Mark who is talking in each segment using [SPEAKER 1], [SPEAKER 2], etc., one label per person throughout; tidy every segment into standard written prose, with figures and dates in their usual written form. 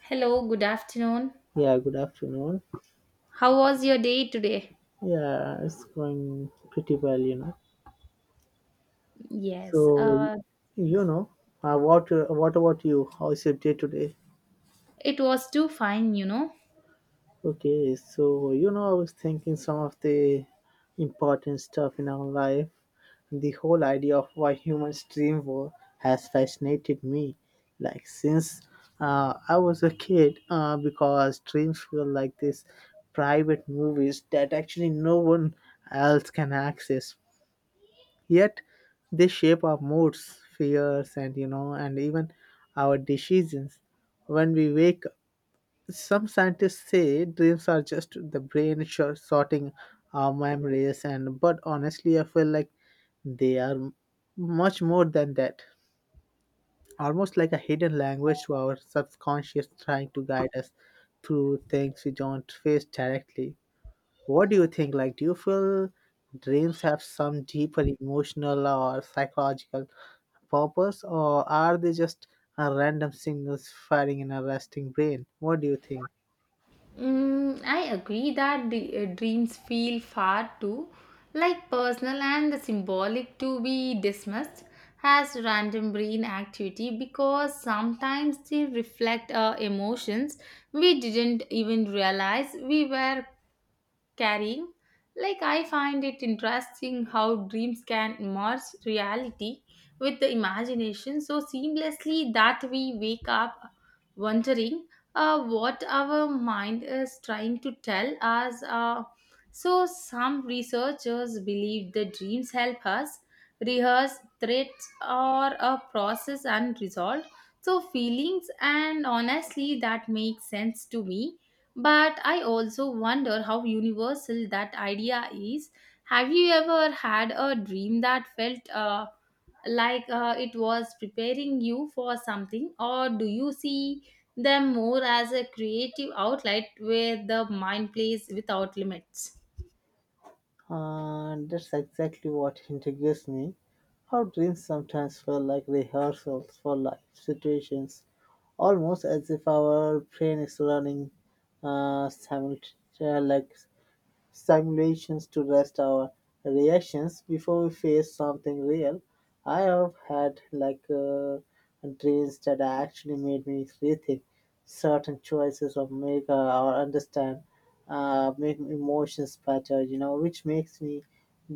[SPEAKER 1] Hello, good afternoon.
[SPEAKER 2] Yeah, good afternoon.
[SPEAKER 1] How was your day today?
[SPEAKER 2] Yeah, it's going pretty well, you know.
[SPEAKER 1] Yes,
[SPEAKER 2] So, you know, what about you? How is your day today?
[SPEAKER 1] it was too fine.
[SPEAKER 2] Okay, so you know, I was thinking some of the important stuff in our life. The whole idea of why humans dream war has fascinated me, like since I was a kid, because dreams were like this private movies that actually no one else can access. Yet they shape our moods, fears, and you know, and even our decisions. When we wake up, some scientists say dreams are just the brain sorting our memories, and but honestly, I feel like they are much more than that. Almost like a hidden language to our subconscious trying to guide us through things we don't face directly. What do you think? Like, do you feel dreams have some deeper emotional or psychological purpose, or are they just random signals firing in a resting brain? What do you think?
[SPEAKER 1] Mm, I agree that the dreams feel far too, like personal and symbolic, to be dismissed as random brain activity because sometimes they reflect emotions we didn't even realize we were carrying. Like, I find it interesting how dreams can merge reality with the imagination so seamlessly that we wake up wondering what our mind is trying to tell us. So, some researchers believe the dreams help us rehearse threats or a process unresolved. So, feelings, and honestly, that makes sense to me, but I also wonder how universal that idea is. Have you ever had a dream that felt like it was preparing you for something, or do you see them more as a creative outlet where the mind plays without limits?
[SPEAKER 2] That's exactly what intrigues me. How dreams sometimes feel like rehearsals for life situations, almost as if our brain is running simultaneously, like simulations to test our reactions before we face something real. I have had like dreams that actually made me rethink certain choices or make or understand make emotions better. You know, which makes me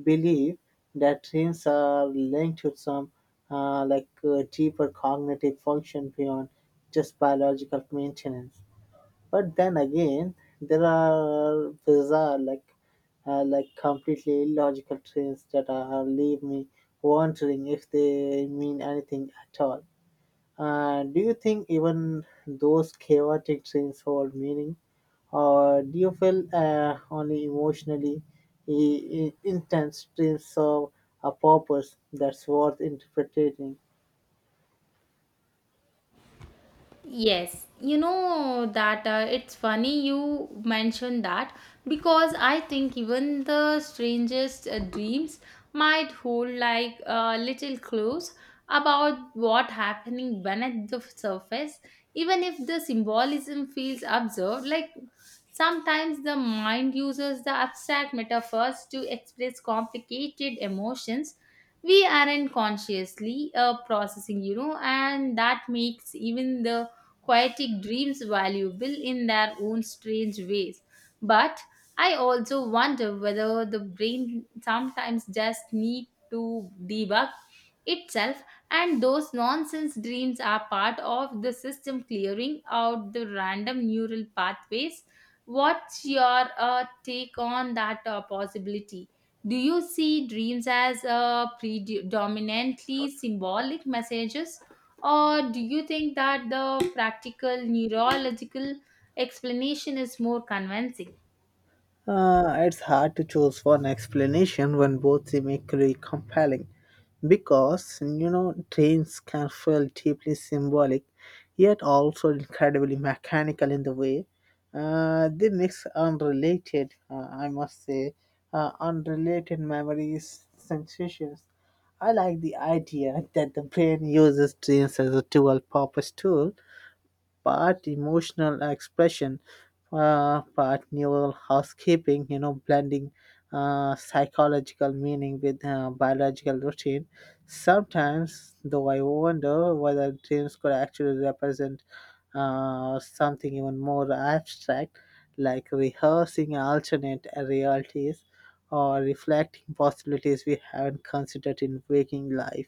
[SPEAKER 2] believe that dreams are linked to some deeper cognitive function beyond just biological maintenance. But then again, there are bizarre, like completely illogical trains that leave me wondering if they mean anything at all. Do you think even those chaotic trains hold meaning, or do you feel only emotionally i- intense trains serve a purpose that's worth interpreting?
[SPEAKER 1] Yes, you know that it's funny you mentioned that because I think even the strangest dreams might hold like little clues about what happening beneath the surface, even if the symbolism feels absurd, like sometimes the mind uses the abstract metaphors to express complicated emotions we aren't consciously processing, you know, and that makes even the poetic dreams valuable in their own strange ways. But I also wonder whether the brain sometimes just need to debug itself, and those nonsense dreams are part of the system clearing out the random neural pathways. What's your take on that possibility? Do you see dreams as predominantly symbolic messages, or do you think that the practical neurological explanation is more convincing?
[SPEAKER 2] It's hard to choose one explanation when both seem equally compelling because, you know, trains can feel deeply symbolic yet also incredibly mechanical in the way they mix unrelated, unrelated memories, sensations. I like the idea that the brain uses trains as a dual purpose tool, part emotional expression, part neural housekeeping, you know, blending psychological meaning with biological routine. Sometimes, though, I wonder whether dreams could actually represent something even more abstract, like rehearsing alternate realities or reflecting possibilities we haven't considered in waking life.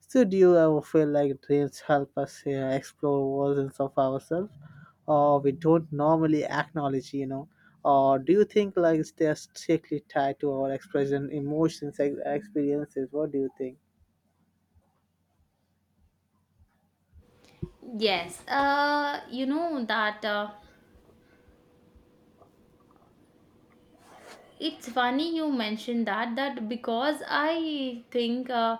[SPEAKER 2] Studio, I will feel like dreams help us explore versions of ourselves or we don't normally acknowledge, you know. Or do you think like they're strictly tied to our expression, emotions, experiences? What do you think?
[SPEAKER 1] Yes, you know that. It's funny you mentioned that because I think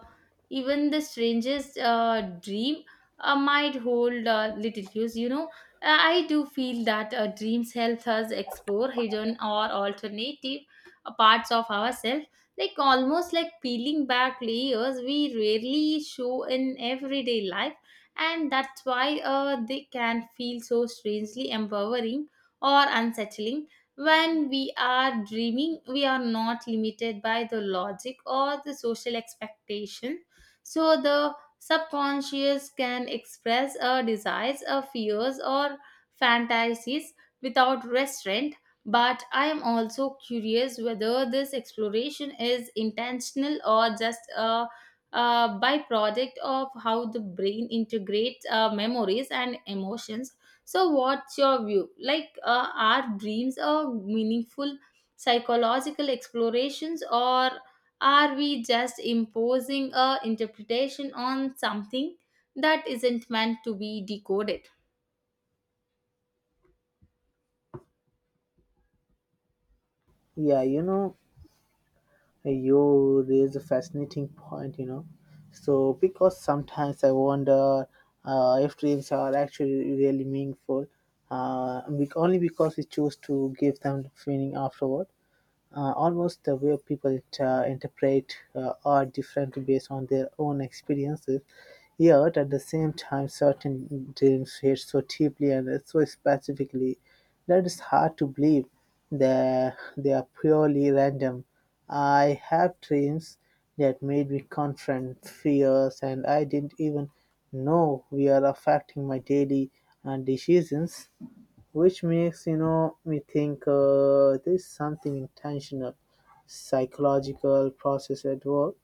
[SPEAKER 1] even the strangest dream might hold little clues. I do feel that dreams help us explore hidden or alternative parts of ourselves, like almost like peeling back layers we rarely show in everyday life, and that's why they can feel so strangely empowering or unsettling. When we are dreaming, we are not limited by the logic or the social expectation. So the subconscious can express our desires, our fears, or fantasies without restraint. But I am also curious whether this exploration is intentional or just a byproduct of how the brain integrates memories and emotions. So, what's your view? Like, are dreams a meaningful psychological explorations, or are we just imposing a interpretation on something that isn't meant to be decoded?
[SPEAKER 2] Yeah, you know, you raise a fascinating point, you know. So, because sometimes I wonder if dreams are actually really meaningful, only because we choose to give them the feeling afterward. Almost the way people it, interpret are different based on their own experiences. Yet, at the same time, certain dreams hit so deeply and so specifically that it's hard to believe that they are purely random. I have dreams that made me confront fears, and I didn't even know we are affecting my daily decisions. Which makes you know me think there's something intentional, psychological process at work.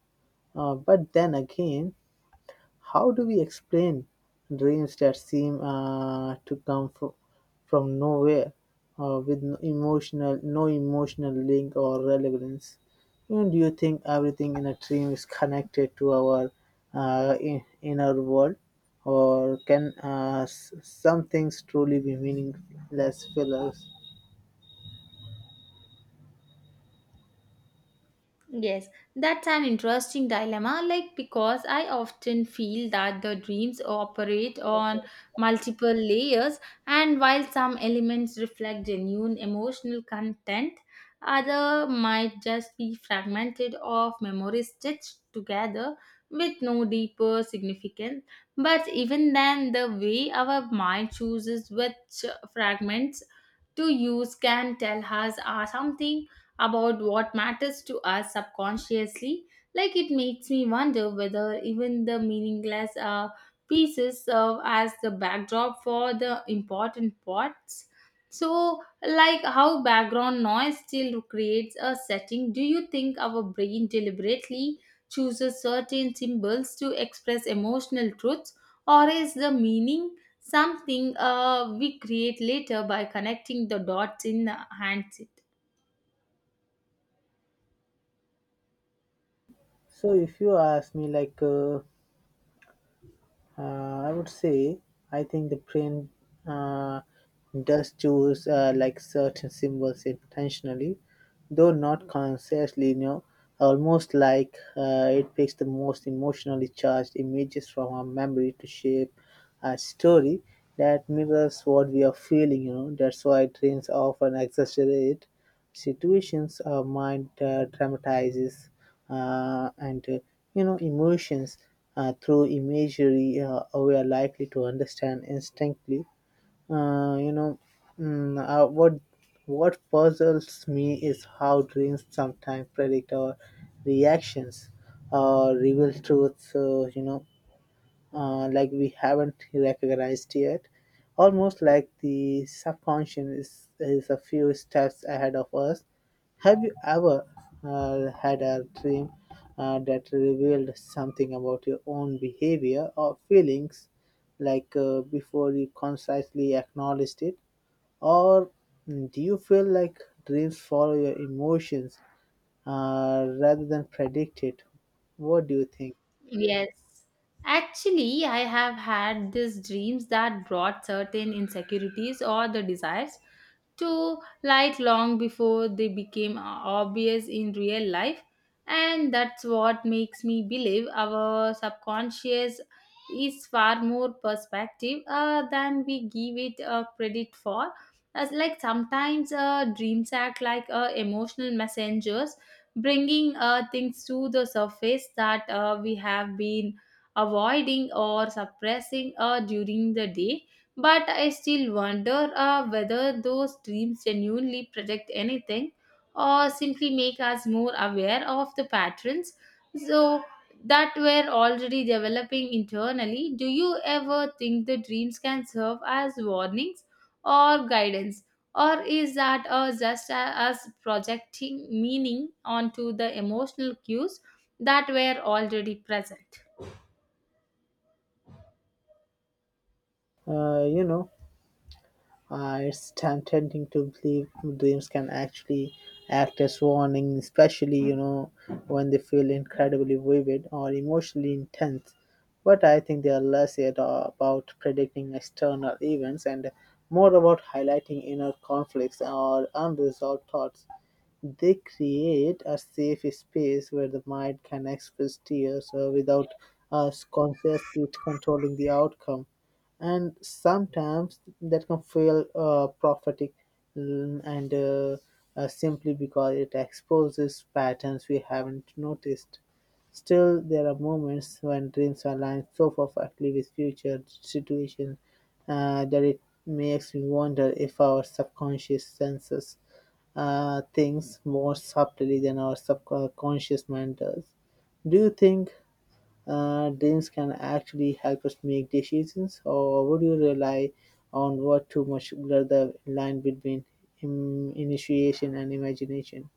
[SPEAKER 2] But then again, how do we explain dreams that seem to come from nowhere, with no no emotional link or relevance? You know, do you think everything in a dream is connected to our inner world, or can some things truly be meaningless fillers?
[SPEAKER 1] Yes, that's an interesting dilemma. Like, because I often feel that the dreams operate on multiple layers, and while some elements reflect genuine emotional content, other might just be fragmented of memories stitched together with no deeper significance. But even then, the way our mind chooses which fragments to use can tell us something about what matters to us subconsciously. Like it makes me wonder whether even the meaningless pieces serve as the backdrop for the important parts. So, like how background noise still creates a setting, do you think our brain deliberately chooses certain symbols to express emotional truths, or is the meaning something we create later by connecting the dots in the hands?
[SPEAKER 2] So, if you ask me, like. I would say I think the brain uh, does choose like certain symbols intentionally, though not consciously. You know, almost like it picks the most emotionally charged images from our memory to shape a story that mirrors what we are feeling. You know, that's why dreams often exaggerate situations our mind dramatizes and you know emotions through imagery we are likely to understand instinctively, uh, you know mm, uh, what what puzzles me is how dreams sometimes predict our reactions or reveal truths, like we haven't recognized yet. Almost like the subconscious is a few steps ahead of us. Have you ever had a dream that revealed something about your own behavior or feelings, like before you consciously acknowledged it? Or do you feel like dreams follow your emotions rather than predict it? What do you think?
[SPEAKER 1] Yes. Actually, I have had these dreams that brought certain insecurities or the desires to light long before they became obvious in real life. And that's what makes me believe our subconscious is far more perspective than we give it credit for. As like sometimes dreams act like emotional messengers bringing things to the surface that we have been avoiding or suppressing during the day. But I still wonder whether those dreams genuinely predict anything or simply make us more aware of the patterns so that we're already developing internally. Do you ever think the dreams can serve as warnings or guidance? Or is that just us projecting meaning onto the emotional cues that were already present?
[SPEAKER 2] You know, it's tempting to believe dreams can actually act as warning, especially you know when they feel incredibly vivid or emotionally intense. But I think they are less yet about predicting external events and more about highlighting inner conflicts or unresolved thoughts. They create a safe space where the mind can express tears without us consciously controlling the outcome. And sometimes that can feel prophetic, mm, and simply because it exposes patterns we haven't noticed. Still, there are moments when dreams align so perfectly with future situations that it makes me wonder if our subconscious senses things more subtly than our subconscious mind does. Do you think dreams can actually help us make decisions, or would you rely on what too much blur the line between initiation and imagination?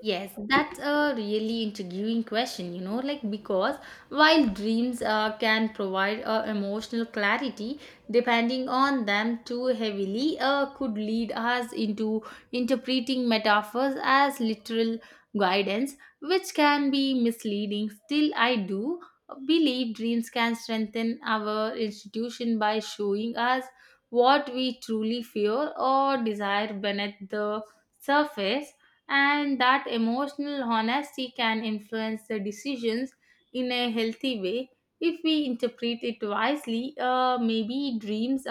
[SPEAKER 1] Yes, that's a really intriguing question, like because while dreams can provide emotional clarity, depending on them too heavily could lead us into interpreting metaphors as literal guidance, which can be misleading. Still, I do believe dreams can strengthen our institution by showing us what we truly fear or desire beneath the surface, and that emotional honesty can influence the decisions in a healthy way if we interpret it wisely. Maybe dreams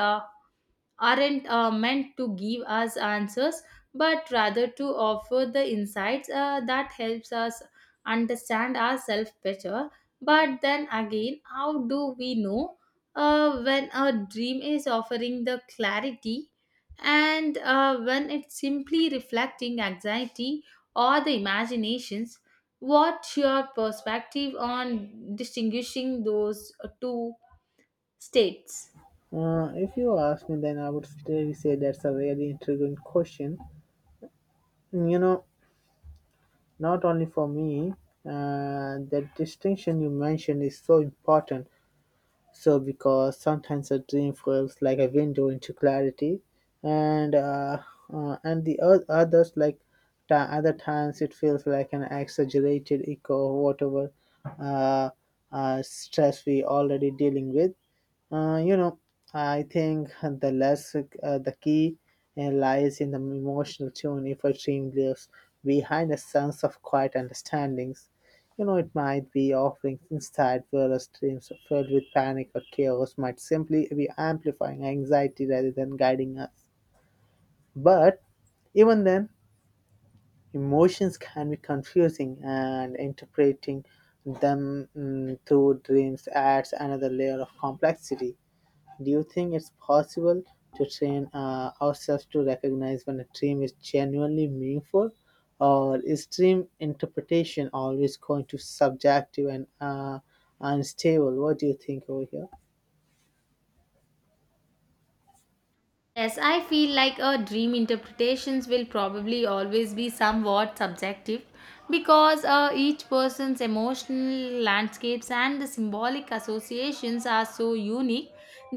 [SPEAKER 1] aren't meant to give us answers, but rather to offer the insights that helps us understand ourselves better. But then again, how do we know when a dream is offering the clarity and when it's simply reflecting anxiety or the imaginations? What's your perspective on distinguishing those two states?
[SPEAKER 2] If you ask me, then I would really say that's a really intriguing question. You know, not only for me, the distinction you mentioned is so important. So, because sometimes a dream feels like a window into clarity, and uh, and the oth- others like ta- other times it feels like an exaggerated echo of whatever uh, stress we already dealing with. Uh, you know, I think the key lies in the emotional tune if a dream lives behind a sense of quiet understandings. You know, it might be offering instead whereas dreams filled with panic or chaos might simply be amplifying anxiety rather than guiding us. But even then, emotions can be confusing, and interpreting them through dreams adds another layer of complexity. Do you think it's possible to train ourselves to recognize when a dream is genuinely meaningful, or is dream interpretation always going to subjective and unstable? What do you think over here?
[SPEAKER 1] Yes, I feel like a dream interpretations will probably always be somewhat subjective because each person's emotional landscapes and the symbolic associations are so unique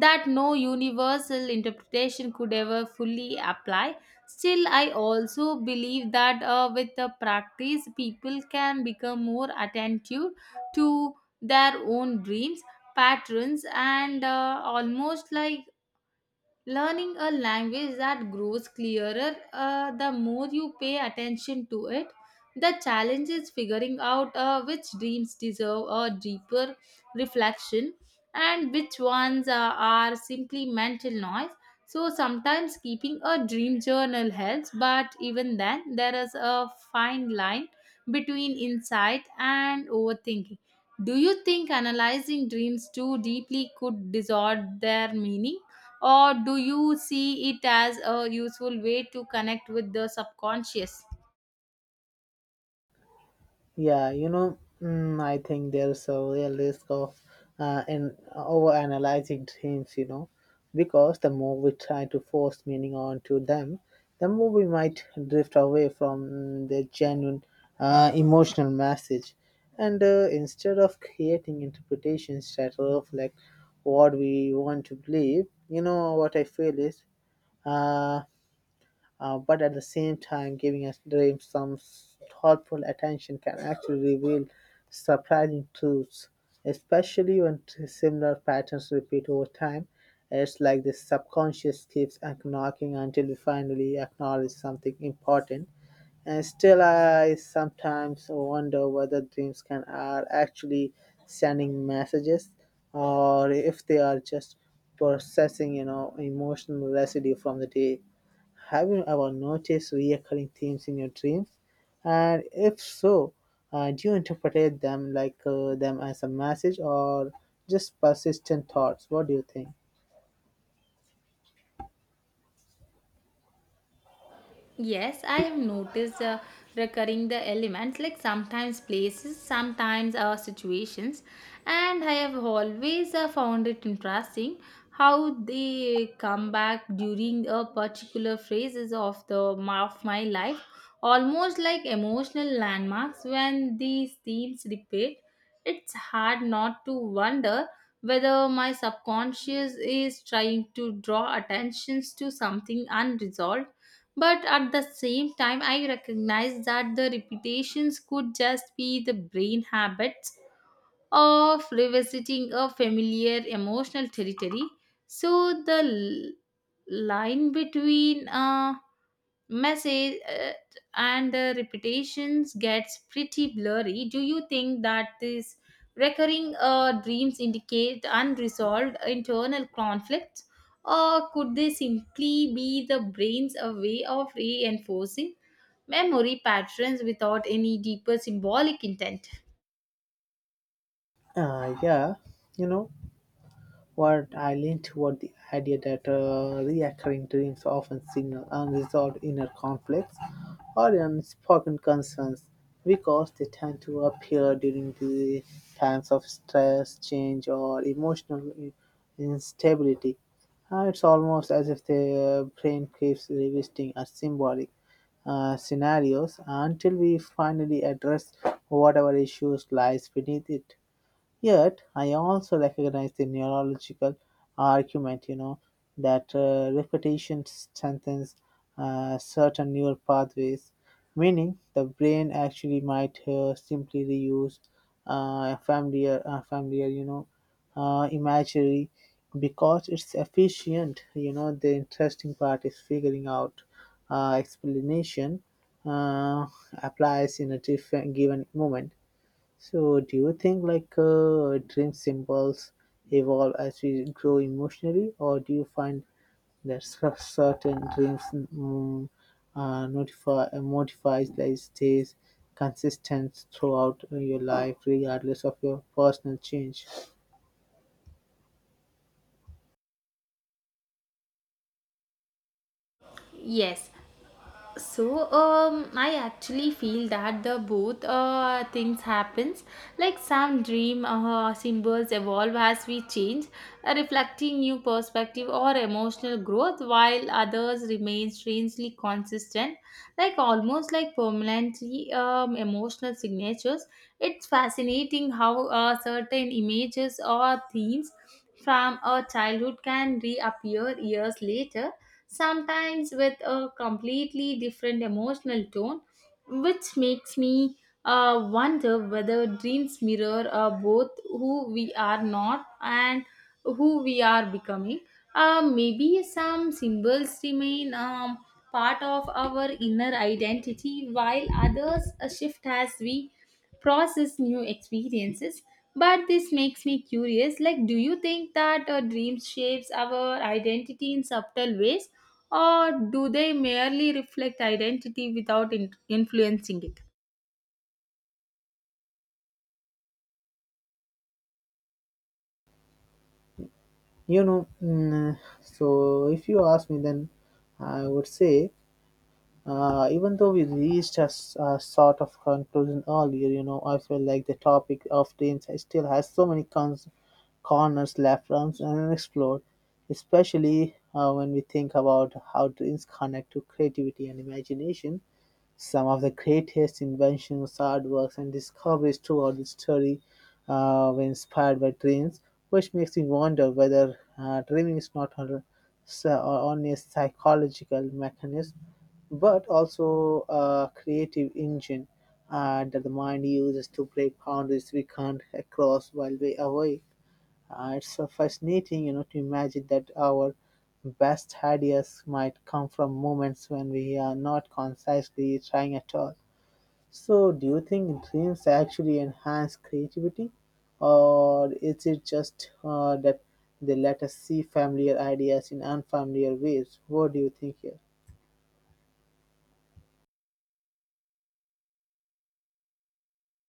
[SPEAKER 1] that no universal interpretation could ever fully apply. Still, I also believe that with the practice, people can become more attentive to their own dreams, patterns, and almost like learning a language that grows clearer the more you pay attention to it. The challenge is figuring out which dreams deserve a deeper reflection and which ones are simply mental noise. So sometimes keeping a dream journal helps, but even then there is a fine line between insight and overthinking. Do you think analyzing dreams too deeply could distort their meaning, or do you see it as a useful way to connect with the subconscious?
[SPEAKER 2] Yeah, you know, I think there's a real risk of in overanalyzing dreams, you know, because the more we try to force meaning onto them, the more we might drift away from their genuine emotional message. And instead of creating interpretations that reflect what we want to believe, you know, what I feel is. Uh, but at the same time giving a dream some thoughtful attention can actually reveal surprising truths, especially when similar patterns repeat over time. It's like the subconscious keeps knocking until we finally acknowledge something important. And still, I sometimes wonder whether dreams can are actually sending messages, or if they are just processing, you know, emotional residue from the day. Have you ever noticed recurring themes in your dreams? And if so, do you interpret them as a message or just persistent thoughts? What do you think?
[SPEAKER 1] Yes, I have noticed recurring the elements, like sometimes places, sometimes situations, and I have always found it interesting how they come back during a particular phases of of my life, almost like emotional landmarks. When these themes repeat, it's hard not to wonder whether my subconscious is trying to draw attentions to something unresolved, but at the same time, I recognize that the repetitions could just be the brain habits of revisiting a familiar emotional territory. So line between message and the repetitions gets pretty blurry. Do you think that these recurring dreams indicate unresolved internal conflicts, or could they simply be the brain's a way of reinforcing memory patterns without any deeper symbolic intent?
[SPEAKER 2] Uh, yeah, you know, What I lean toward the idea that reoccurring dreams often signal unresolved inner conflicts or unspoken concerns because they tend to appear during the times of stress, change, or emotional instability. It's almost as if the brain keeps revisiting a symbolic scenarios until we finally address whatever issues lies beneath it. Yet, I also recognize the neurological argument, you know, that repetition strengthens certain neural pathways, meaning the brain actually might simply reuse a familiar, you know, imagery because it's efficient. You know, the interesting part is figuring out explanation uh, applies in a different given moment. So, do you think like dream symbols evolve as we grow emotionally, or do you find that certain dreams notify modifies that stays consistent throughout your life, regardless of your personal change?
[SPEAKER 1] Yes, so I actually feel that the both things happens, like some dream symbols evolve as we change, reflecting new perspective or emotional growth, while others remain strangely consistent, like almost like permanently emotional signatures. It's fascinating how certain images or themes from a childhood can reappear years later, sometimes with a completely different emotional tone, which makes me wonder whether dreams mirror both who we are not and who we are becoming. Maybe some symbols remain part of our inner identity, while others shift as we process new experiences. But this makes me curious, like do you think that dreams shapes our identity in subtle ways, or do they merely reflect identity without influencing it?
[SPEAKER 2] You know, so if you ask me, then I would say, even though we reached a sort of conclusion earlier, you know, I feel like the topic of dreams still has so many corners left unexplored, especially when we think about how dreams connect to creativity and imagination. Some of the greatest inventions, artworks, and discoveries throughout history were inspired by dreams, which makes me wonder whether dreaming is not on- s- only a psychological mechanism but also a creative engine that the mind uses to break boundaries we can't cross while we're away. It's fascinating, you know, to imagine that our best ideas might come from moments when we are not consciously trying at all. So, do you think dreams actually enhance creativity, or is it just that they let us see familiar ideas in unfamiliar ways? What do you think here?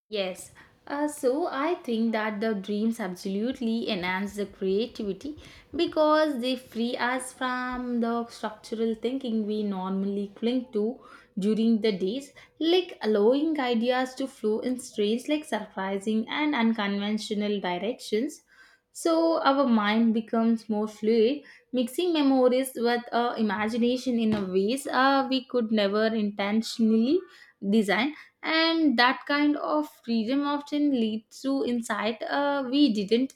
[SPEAKER 1] Yes. So I think that the dreams absolutely enhance the creativity because they free us from the structural thinking we normally cling to during the days, like allowing ideas to flow in strange, like surprising and unconventional directions. So our mind becomes more fluid, mixing memories with imagination in a ways we could never intentionally design, and that kind of freedom often leads to insight we didn't,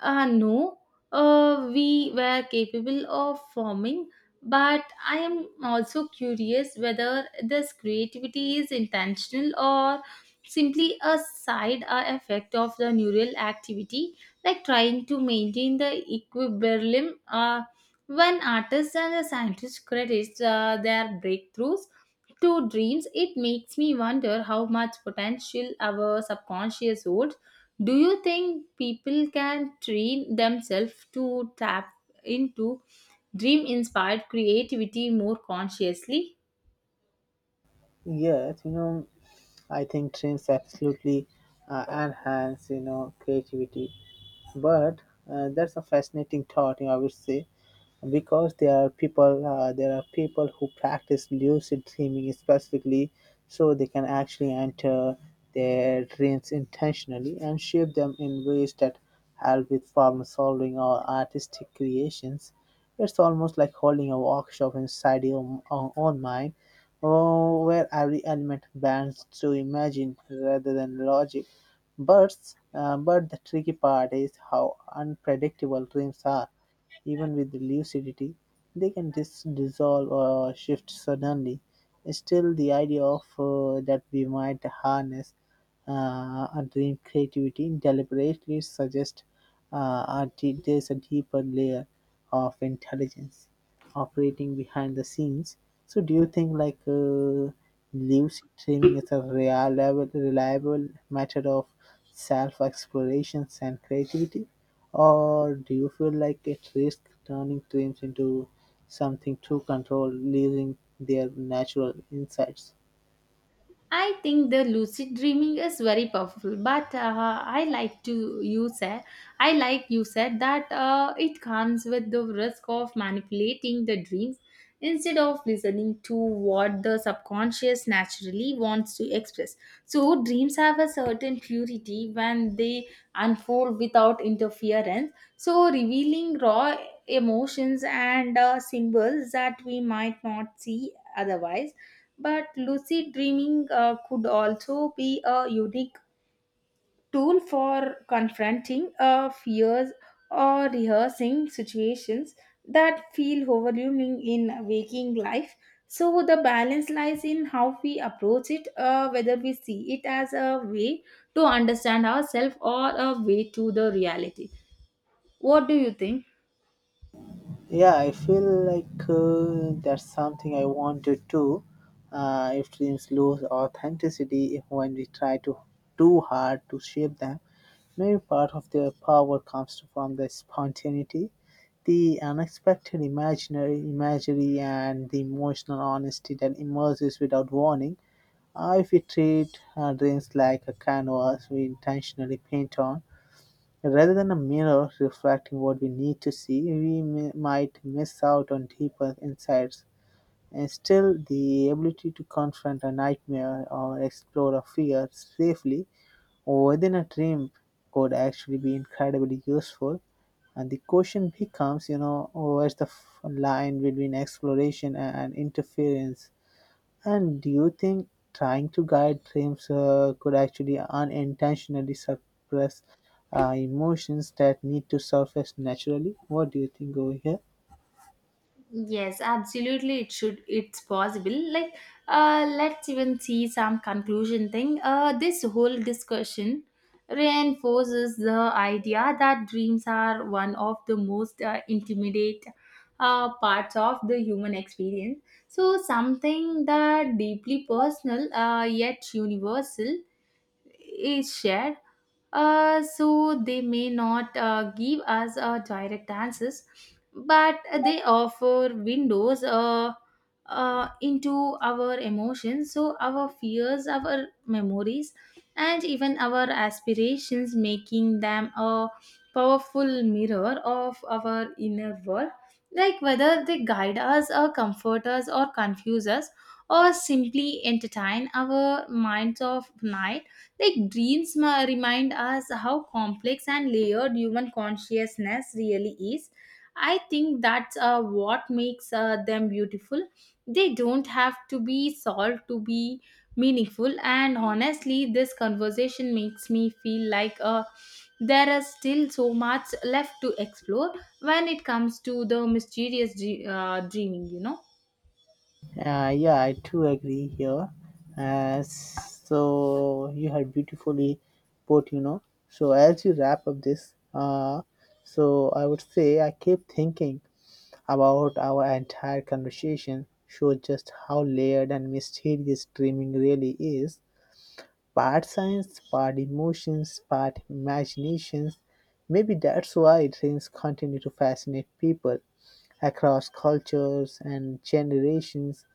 [SPEAKER 1] no, we were capable of forming, but I am also curious whether this creativity is intentional or simply a side effect of the neural activity, like trying to maintain the equilibrium. When artists and the scientists credit their breakthroughs to dreams, it makes me wonder how much potential our subconscious holds. Do you think people can train themselves to tap into dream inspired creativity more consciously?
[SPEAKER 2] Yes, you know, I think dreams absolutely enhance, you know, creativity. But that's a fascinating thought, you know, I would say, because there are people who practice lucid dreaming specifically, so they can actually enter their dreams intentionally and shape them in ways that help with problem solving or artistic creations. It's almost like holding a workshop inside your own mind, oh, where every element bends to imagine rather than logic. But the tricky part is how unpredictable dreams are. Even with lucidity, they can dissolve or shift suddenly. Still, the idea of that we might harness a dream creativity deliberately suggests uh, there's a deeper layer of intelligence operating behind the scenes. So do you think like live streaming is a reliable method of self explorations and creativity, or do you feel like it risks turning dreams into something too controlled, losing their natural insights?
[SPEAKER 1] I think the lucid dreaming is very powerful, but I like you said that it comes with the risk of manipulating the dreams instead of listening to what the subconscious naturally wants to express. So dreams have a certain purity when they unfold without interference. So revealing raw emotions and symbols that we might not see otherwise. But lucid dreaming could also be a unique tool for confronting fears or rehearsing situations that feel overwhelming in waking life. So, the balance lies in how we approach it, whether we see it as a way to understand ourselves or a way to the reality. What do you think?
[SPEAKER 2] Yeah, I feel like that's something I want to do. If dreams lose authenticity, if when we try to too hard to shape them, many part of their power comes from the spontaneity, the unexpected imaginary imagery and the emotional honesty that emerges without warning. If we treat dreams like a canvas we intentionally paint on, rather than a mirror reflecting what we need to see, we might miss out on deeper insights. And still, the ability to confront a nightmare or explore a fear safely within a dream could actually be incredibly useful. And the question becomes, you know, where's the line between exploration and interference? And do you think trying to guide dreams could actually unintentionally suppress emotions that need to surface naturally? What do you think over here?
[SPEAKER 1] Yes, absolutely. It should. It's possible. Like, let's even see some conclusion thing. This whole discussion reinforces the idea that dreams are one of the most intimate parts of the human experience. So, something that deeply personal yet universal is shared. So they may not give us direct answers, but they offer windows into our emotions. So our fears, our memories, and even our aspirations, making them a powerful mirror of our inner world. Like whether they guide us, or comfort us, or confuse us, or simply entertain our minds of night, like dreams remind us how complex and layered human consciousness really is. I think that's what makes them beautiful. They don't have to be solved to be meaningful. And honestly, this conversation makes me feel like there is still so much left to explore when it comes to the mysterious dreaming.
[SPEAKER 2] Yeah, I too agree here. So you had beautifully put, you know. So as you wrap up this, so I would say I keep thinking about our entire conversation. Shows just how layered and mysterious dreaming really is. Part science, part emotions, part imaginations. Maybe that's why dreams continue to fascinate people across cultures and generations.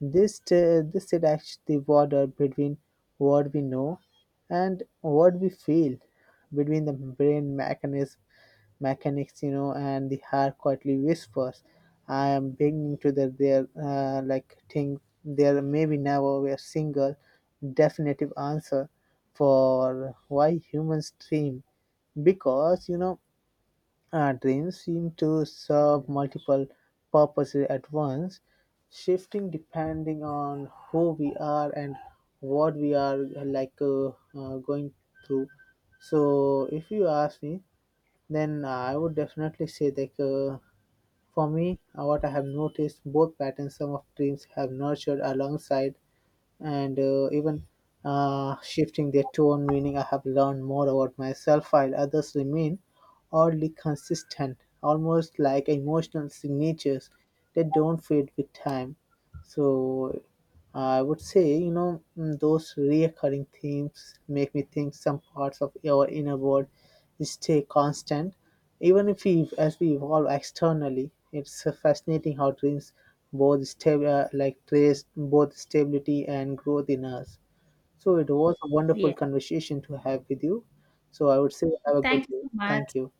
[SPEAKER 2] This this erects the border between what we know and what we feel, between the mechanics, you know, and the heart quietly whispers. I am beginning to the there, like think there maybe never be a single definitive answer for why humans dream, because you know trains seem to serve multiple purposes at once, shifting depending on who we are and what we are going through. So, if you ask me, then I would definitely say that for me, what I have noticed, both patterns some of dreams have nurtured alongside and even shifting their tone, meaning I have learned more about myself while others remain oddly consistent, almost like emotional signatures that don't fade with time. So I would say, you know, mm, those reoccurring themes make me think some parts of our inner world stay constant, even if as we evolve externally. It's fascinating how dreams both stab- like trace both stability and growth in us. So it was a wonderful
[SPEAKER 1] Yeah.
[SPEAKER 2] conversation to have with you. So I would say have a good
[SPEAKER 1] Thank you
[SPEAKER 2] day.
[SPEAKER 1] so much.
[SPEAKER 2] Thank you.